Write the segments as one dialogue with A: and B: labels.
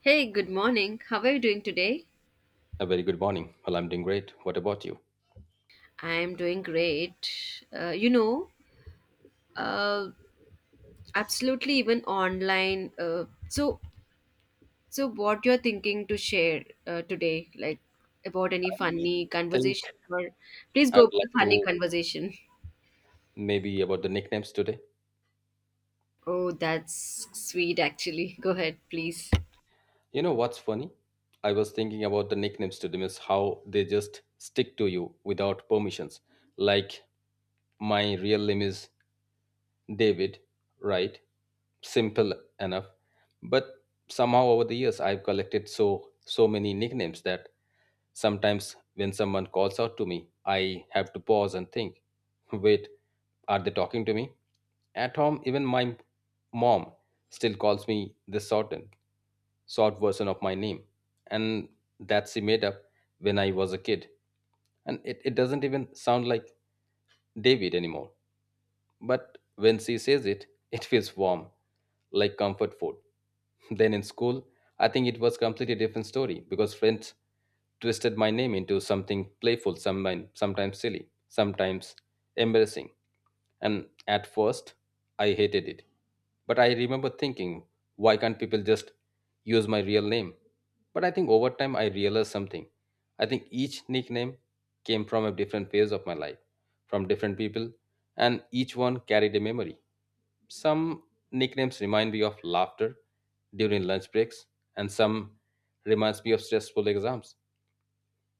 A: Hey, good morning. How are you doing today?
B: A very good morning. Well, I'm doing great. What about you?
A: I'm doing great. Uh, you know, uh, absolutely, even online. So what you're thinking to share today, like about any
B: I
A: funny
B: think
A: conversation, or please
B: I
A: go
B: would
A: with the
B: like
A: funny
B: to
A: conversation.
B: maybe about the nicknames today.
A: Oh, that's sweet, actually. Go ahead, please.
B: You know what's funny? I was thinking about the nicknames today, means how they just stick to you without permissions. Like my real name is David, right? Simple enough. But somehow over the years I've collected so many nicknames that sometimes, when someone calls out to me, I have to pause and think, wait, are they talking to me? At home, even my mom still calls me the shortened, short version of my name. And that she made up when I was a kid. And it doesn't even sound like David anymore. But when she says it, it feels warm, like comfort food. Then in school, I think it was completely different story because friends twisted my name into something playful, sometimes silly, sometimes embarrassing. And at first, I hated it. But I remember thinking, why can't people just use my real name? But I think over time, I realized something. I think each nickname came from a different phase of my life, from different people, and each one carried a memory. Some nicknames remind me of laughter during lunch breaks, and some reminds me of stressful exams.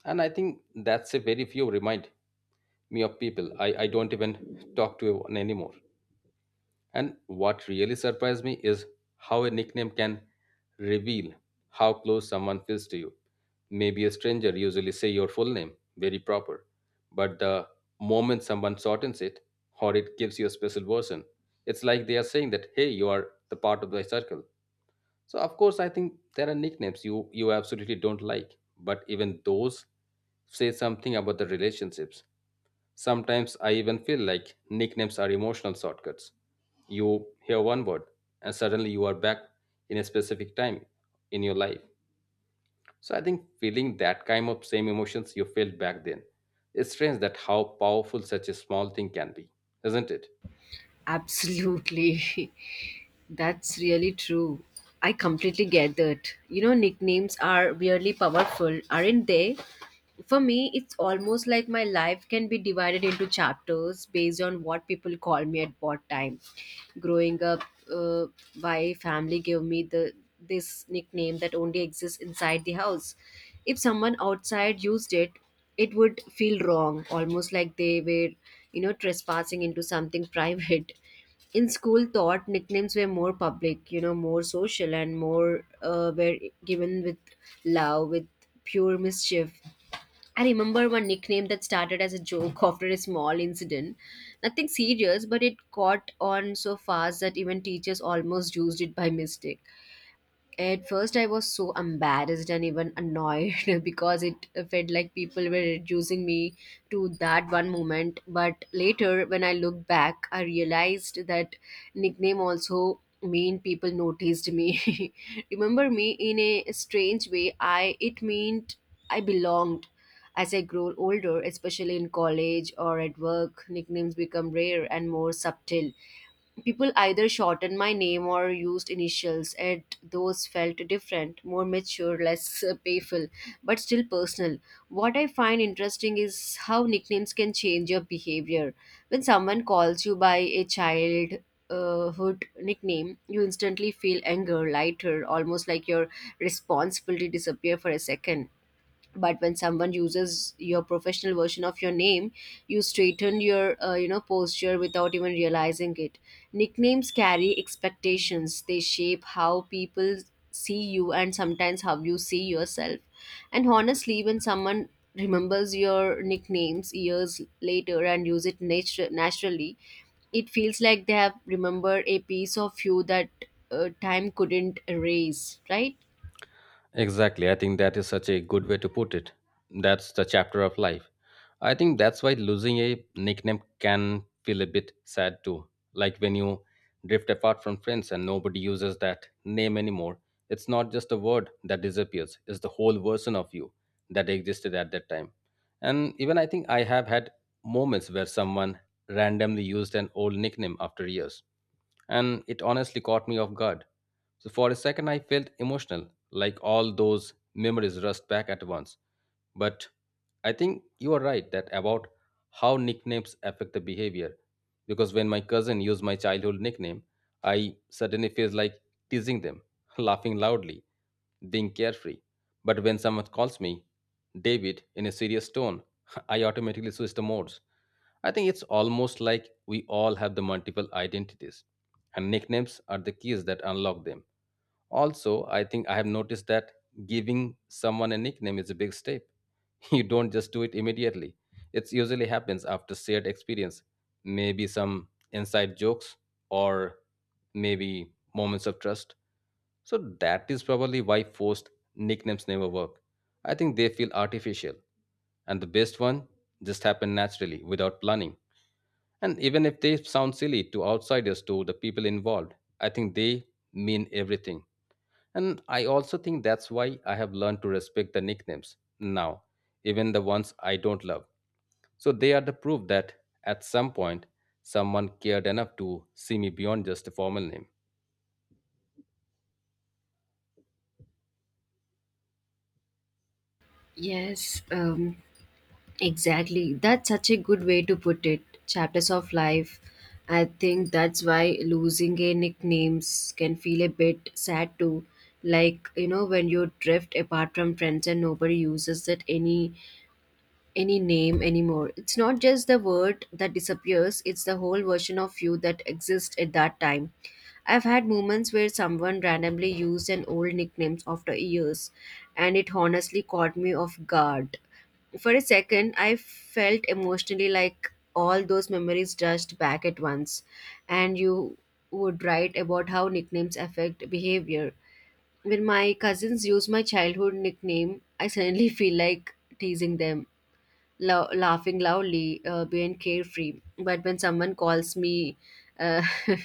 B: And I think that's a very few remind me of people I don't even talk to anymore. And what really surprised me is how a nickname can reveal how close someone feels to you. Maybe a stranger usually say your full name very proper, but the moment someone shortens it or it gives you a special version, it's like they are saying that hey, you are the part of the circle. So of course, I think there are nicknames you absolutely don't like, but even those say something about the relationships. Sometimes I even feel like nicknames are emotional shortcuts. You hear one word and suddenly you are back in a specific time in your life. So I think feeling that kind of same emotions you felt back then. It's strange that how powerful such a small thing can be, isn't it?
A: Absolutely. That's really true. I completely get that. You know, nicknames are really powerful, aren't they? For me, it's almost like my life can be divided into chapters based on what people call me at what time. Growing up, uh, my family gave me the this nickname that only exists inside the house. If someone outside used it, it would feel wrong, almost like they were, you know, trespassing into something private. In school, thought nicknames were more public, you know, more social and more were given with love, with pure mischief. I remember one nickname that started as a joke after a small incident. Nothing serious, but it caught on so fast that even teachers almost used it by mistake. At first, I was so embarrassed and even annoyed because it felt like people were reducing me to that one moment. But later, when I looked back, I realized that nickname also mean people noticed me. Remember me in a strange way. I it meant I belonged. As I grow older, especially in college or at work, nicknames become rare and more subtle. People either shortened my name or used initials, and those felt different, more mature, less playful, but still personal. What I find interesting is how nicknames can change your behavior. When someone calls you by a child, hood nickname, you instantly feel anger lighter, almost like your responsibility disappear for a second. But when someone uses your professional version of your name, you straighten your you know posture without even realizing it. Nicknames carry expectations, they shape how people see you and sometimes how you see yourself. And honestly, when someone remembers your nicknames years later and use it naturally, it feels like they have remembered a piece of you that time couldn't erase, right?
B: Exactly. I think that is such a good way to put it. That's the chapter of life. I think that's why losing a nickname can feel a bit sad too. Like when you drift apart from friends and nobody uses that name anymore. It's not just a word that disappears, it's the whole version of you that existed at that time. And even I think I have had moments where someone randomly used an old nickname after years and it honestly caught me off guard. So for a second, I felt emotional, like all those memories rushed back at once. But I think you are right that about how nicknames affect the behavior. Because when my cousin used my childhood nickname, I suddenly feel like teasing them, laughing loudly, being carefree. But when someone calls me David in a serious tone, I automatically switch the modes. I think it's almost like we all have the multiple identities, and nicknames are the keys that unlock them. Also, I think I have noticed that giving someone a nickname is a big step. You don't just do it immediately. It usually happens after shared experience, maybe some inside jokes or maybe moments of trust. So that is probably why forced nicknames never work. I think they feel artificial, and the best one just happen naturally without planning. And even if they sound silly to outsiders, to the people involved, I think they mean everything. And I also think that's why I have learned to respect the nicknames now, even the ones I don't love. So they are the proof that at some point someone cared enough to see me beyond just a formal name.
A: Yes, exactly. That's such a good way to put it. Chapters of life. I think that's why losing a nicknames can feel a bit sad too. Like, you know, when you drift apart from friends and nobody uses that any name anymore. It's not just the word that disappears, it's the whole version of you that exists at that time. I've had moments where someone randomly used an old nickname after years and it honestly caught me off guard. For a second, I felt emotionally like all those memories rushed back at once. And you would write about how nicknames affect behavior. When my cousins use my childhood nickname, I suddenly feel like teasing them, laughing loudly, being carefree. But when someone calls me uh,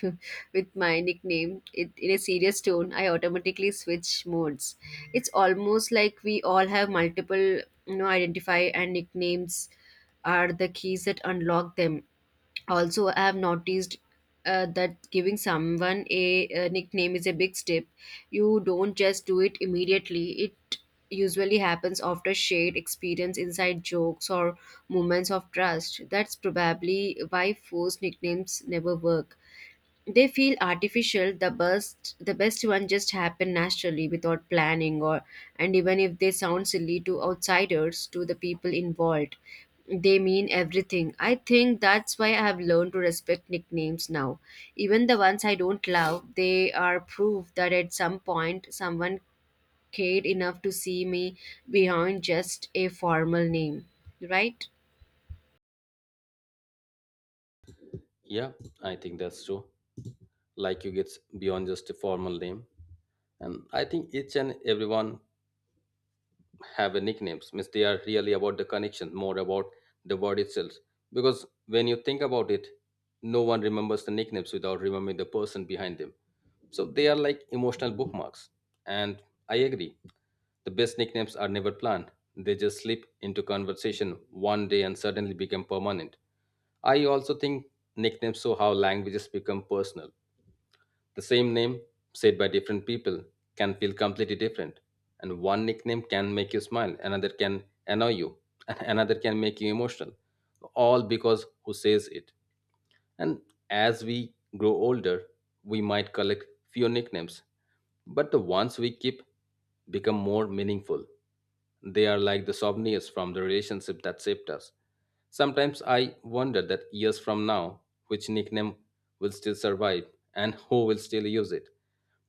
A: with my nickname it, in a serious tone, I automatically switch modes. It's almost like we all have multiple, you know, identify and nicknames are the keys that unlock them. Also, I have noticed that giving someone a nickname is a big step. You don't just do it immediately. It usually happens after shared experience, inside jokes or moments of trust. That's probably why forced nicknames never work, they feel artificial. The best one just happen naturally without planning. Or and even if they sound silly to outsiders, to the people involved, they mean everything. I think that's why I have learned to respect nicknames now, even the ones I don't love. They are proof that at some point someone cared enough to see me behind just a formal name, right?
B: Yeah, I think that's true. Like you gets beyond just a formal name. And I think each and everyone have a nicknames means they are really about the connection more about the word itself, because when you think about it no one remembers the nicknames without remembering the person behind them. So they are like emotional bookmarks. And I agree, the best nicknames are never planned, they just slip into conversation one day and suddenly become permanent. I also think nicknames show how languages become personal. The same name, said by different people, can feel completely different. And one nickname can make you smile, another can annoy you, and another can make you emotional. All because who says it. And as we grow older, we might collect fewer nicknames, but the ones we keep become more meaningful. They are like the souvenirs from the relationship that shaped us. Sometimes I wonder that years from now, which nickname will still survive and who will still use it.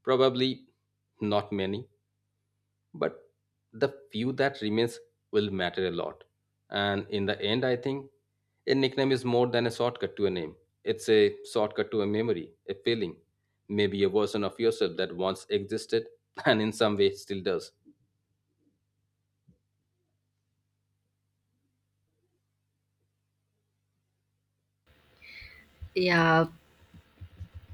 B: Probably not many, but the few that remains will matter a lot. And in the end, I think a nickname is more than a shortcut to a name. It's a shortcut to a memory, a feeling, maybe a version of yourself that once existed and in some way still does.
A: Yeah.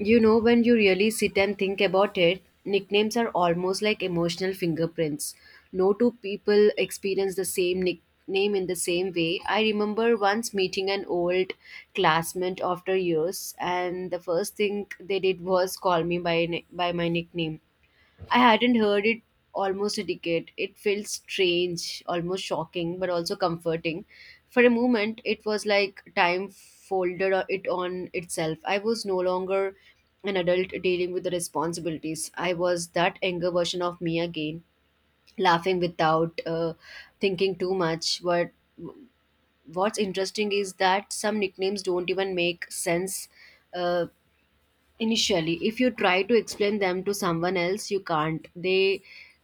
A: You know, when you really sit and think about it, nicknames are almost like emotional fingerprints. No two people experience the same nickname in the same way. I remember once meeting an old classmate after years, and the first thing they did was call me by, by my nickname. I hadn't heard it almost a decade. It felt strange, almost shocking, but also comforting. For a moment, it was like time folded it on itself. I was no longer an adult dealing with the responsibilities. I was that younger version of me again, laughing without thinking too much. But what's interesting is that some nicknames don't even make sense. Uh, Initially if you try to explain them to someone else you can't. They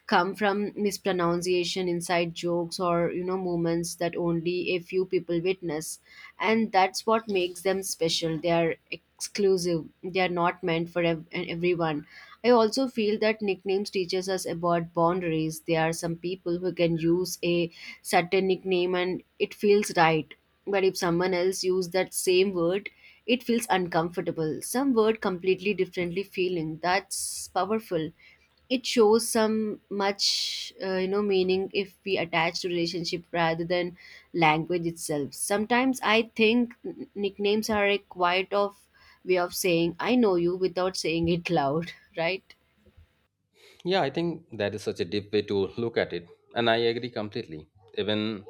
A: come from mispronunciation, inside jokes, or you know moments that only a few people witness, and that's what makes them special. They are exclusive, they are not meant for everyone. I also feel that nicknames teaches us about boundaries. There are some people who can use a certain nickname and it feels right, but if someone else use that same word, it feels uncomfortable. Some word completely differently feeling. That's powerful. It shows some much you know meaning if we attach to relationship rather than language itself. Sometimes I think nicknames are a quiet of way of saying I know you without saying it loud, right?
B: Yeah, I think that is such a deep way to look at it, and I agree completely. Even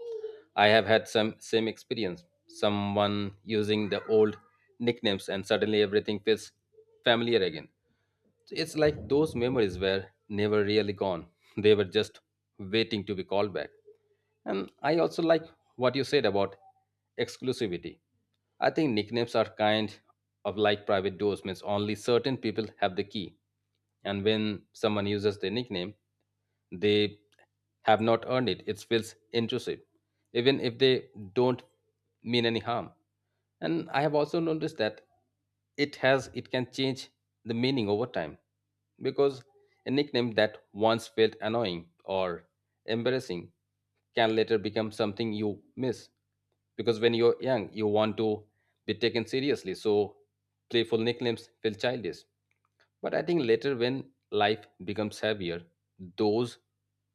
B: I have had some same experience. Someone using the old nicknames, and suddenly everything feels familiar again. It's like those memories were never really gone. They were just waiting to be called back. And I also like what you said about exclusivity. I think nicknames are kind of like private doors, means only certain people have the key. And when someone uses their nickname, they have not earned it. It feels intrusive, even if they don't mean any harm. And I have also noticed that it has it can change the meaning over time, because a nickname that once felt annoying or embarrassing can later become something you miss, because when you're young you want to be taken seriously, so playful nicknames feel childish. But I think later, when life becomes heavier, those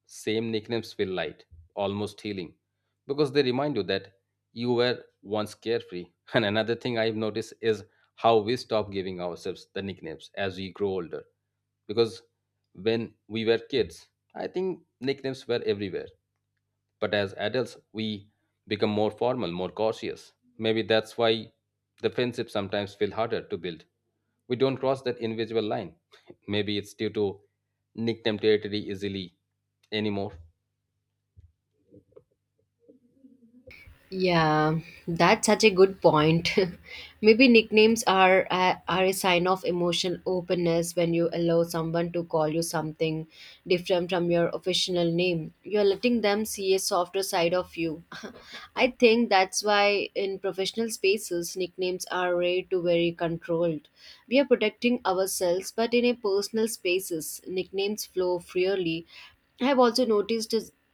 B: same nicknames feel light, almost healing, because they remind you that you were once carefree. And another thing I've noticed is how we stop giving ourselves the nicknames as we grow older. Because when we were kids, I think nicknames were everywhere. But as adults, we become more formal, more cautious. Maybe that's why the friendships sometimes feel harder to build. We don't cross that invisible line. Maybe it's due to nickname territory easily anymore.
A: Yeah, that's such a good point. Maybe nicknames are a sign of emotional openness. When you allow someone to call you something different from your official name, you're letting them see a softer side of you. I think that's why in professional spaces nicknames are rare to very controlled. We are protecting ourselves, but in a personal spaces nicknames flow freely. I have also noticed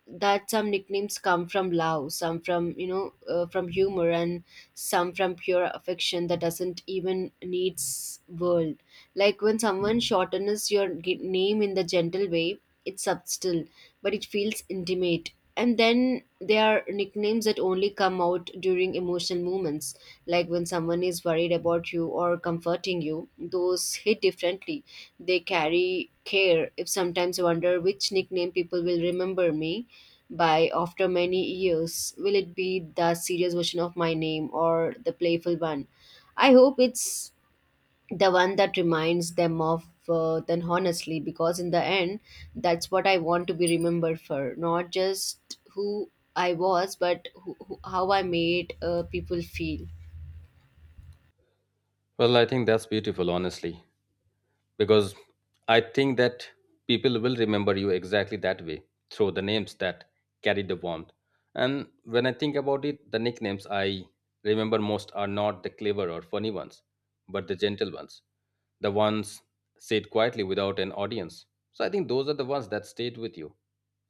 A: that some nicknames come from love, some from you know from humor, and some from pure affection that doesn't even needs world. Like when someone shortens your name in the gentle way, it's subtle, but it feels intimate. And then there are nicknames that only come out during emotional moments, like when someone is worried about you or comforting you. Those hit differently. They carry care. If sometimes I wonder which nickname people will remember me by after many years? Will it be the serious version of my name or the playful one? I hope it's the one that reminds them of then honestly, because in the end, that's what I want to be remembered for, not just who I was, but how I made people feel.
B: Well, I think that's beautiful, honestly, because I think that people will remember you exactly that way through the names that carry the warmth. And when I think about it, the nicknames I remember most are not the clever or funny ones, but the gentle ones, the ones said quietly without an audience. So I think those are the ones that stayed with you.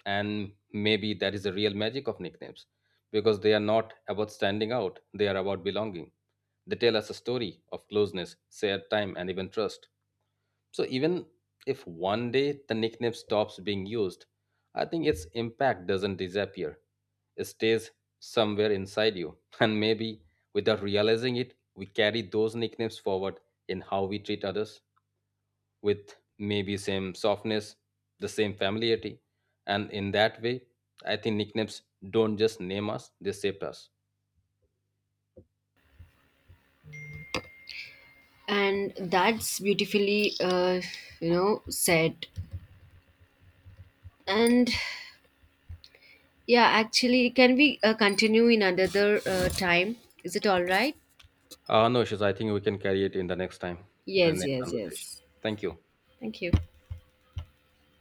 B: And maybe that is the real magic of nicknames, because they are not about standing out, they are about belonging. They tell us a story of closeness, shared time, and even trust. So even if one day the nickname stops being used, I think its impact doesn't disappear. It stays somewhere inside you. And maybe without realizing it, we carry those nicknames forward in how we treat others with maybe same softness, the same familiarity. And in that way, I think nicknames don't just name us, they shape us.
A: And that's beautifully, you know, said. And yeah, actually, can we continue in another time? Is it all right?
B: No issues. I think we can carry it in the next time, the
A: Yes,
B: next
A: yes,
B: conversation.
A: yes.
B: Thank you.
A: Thank you.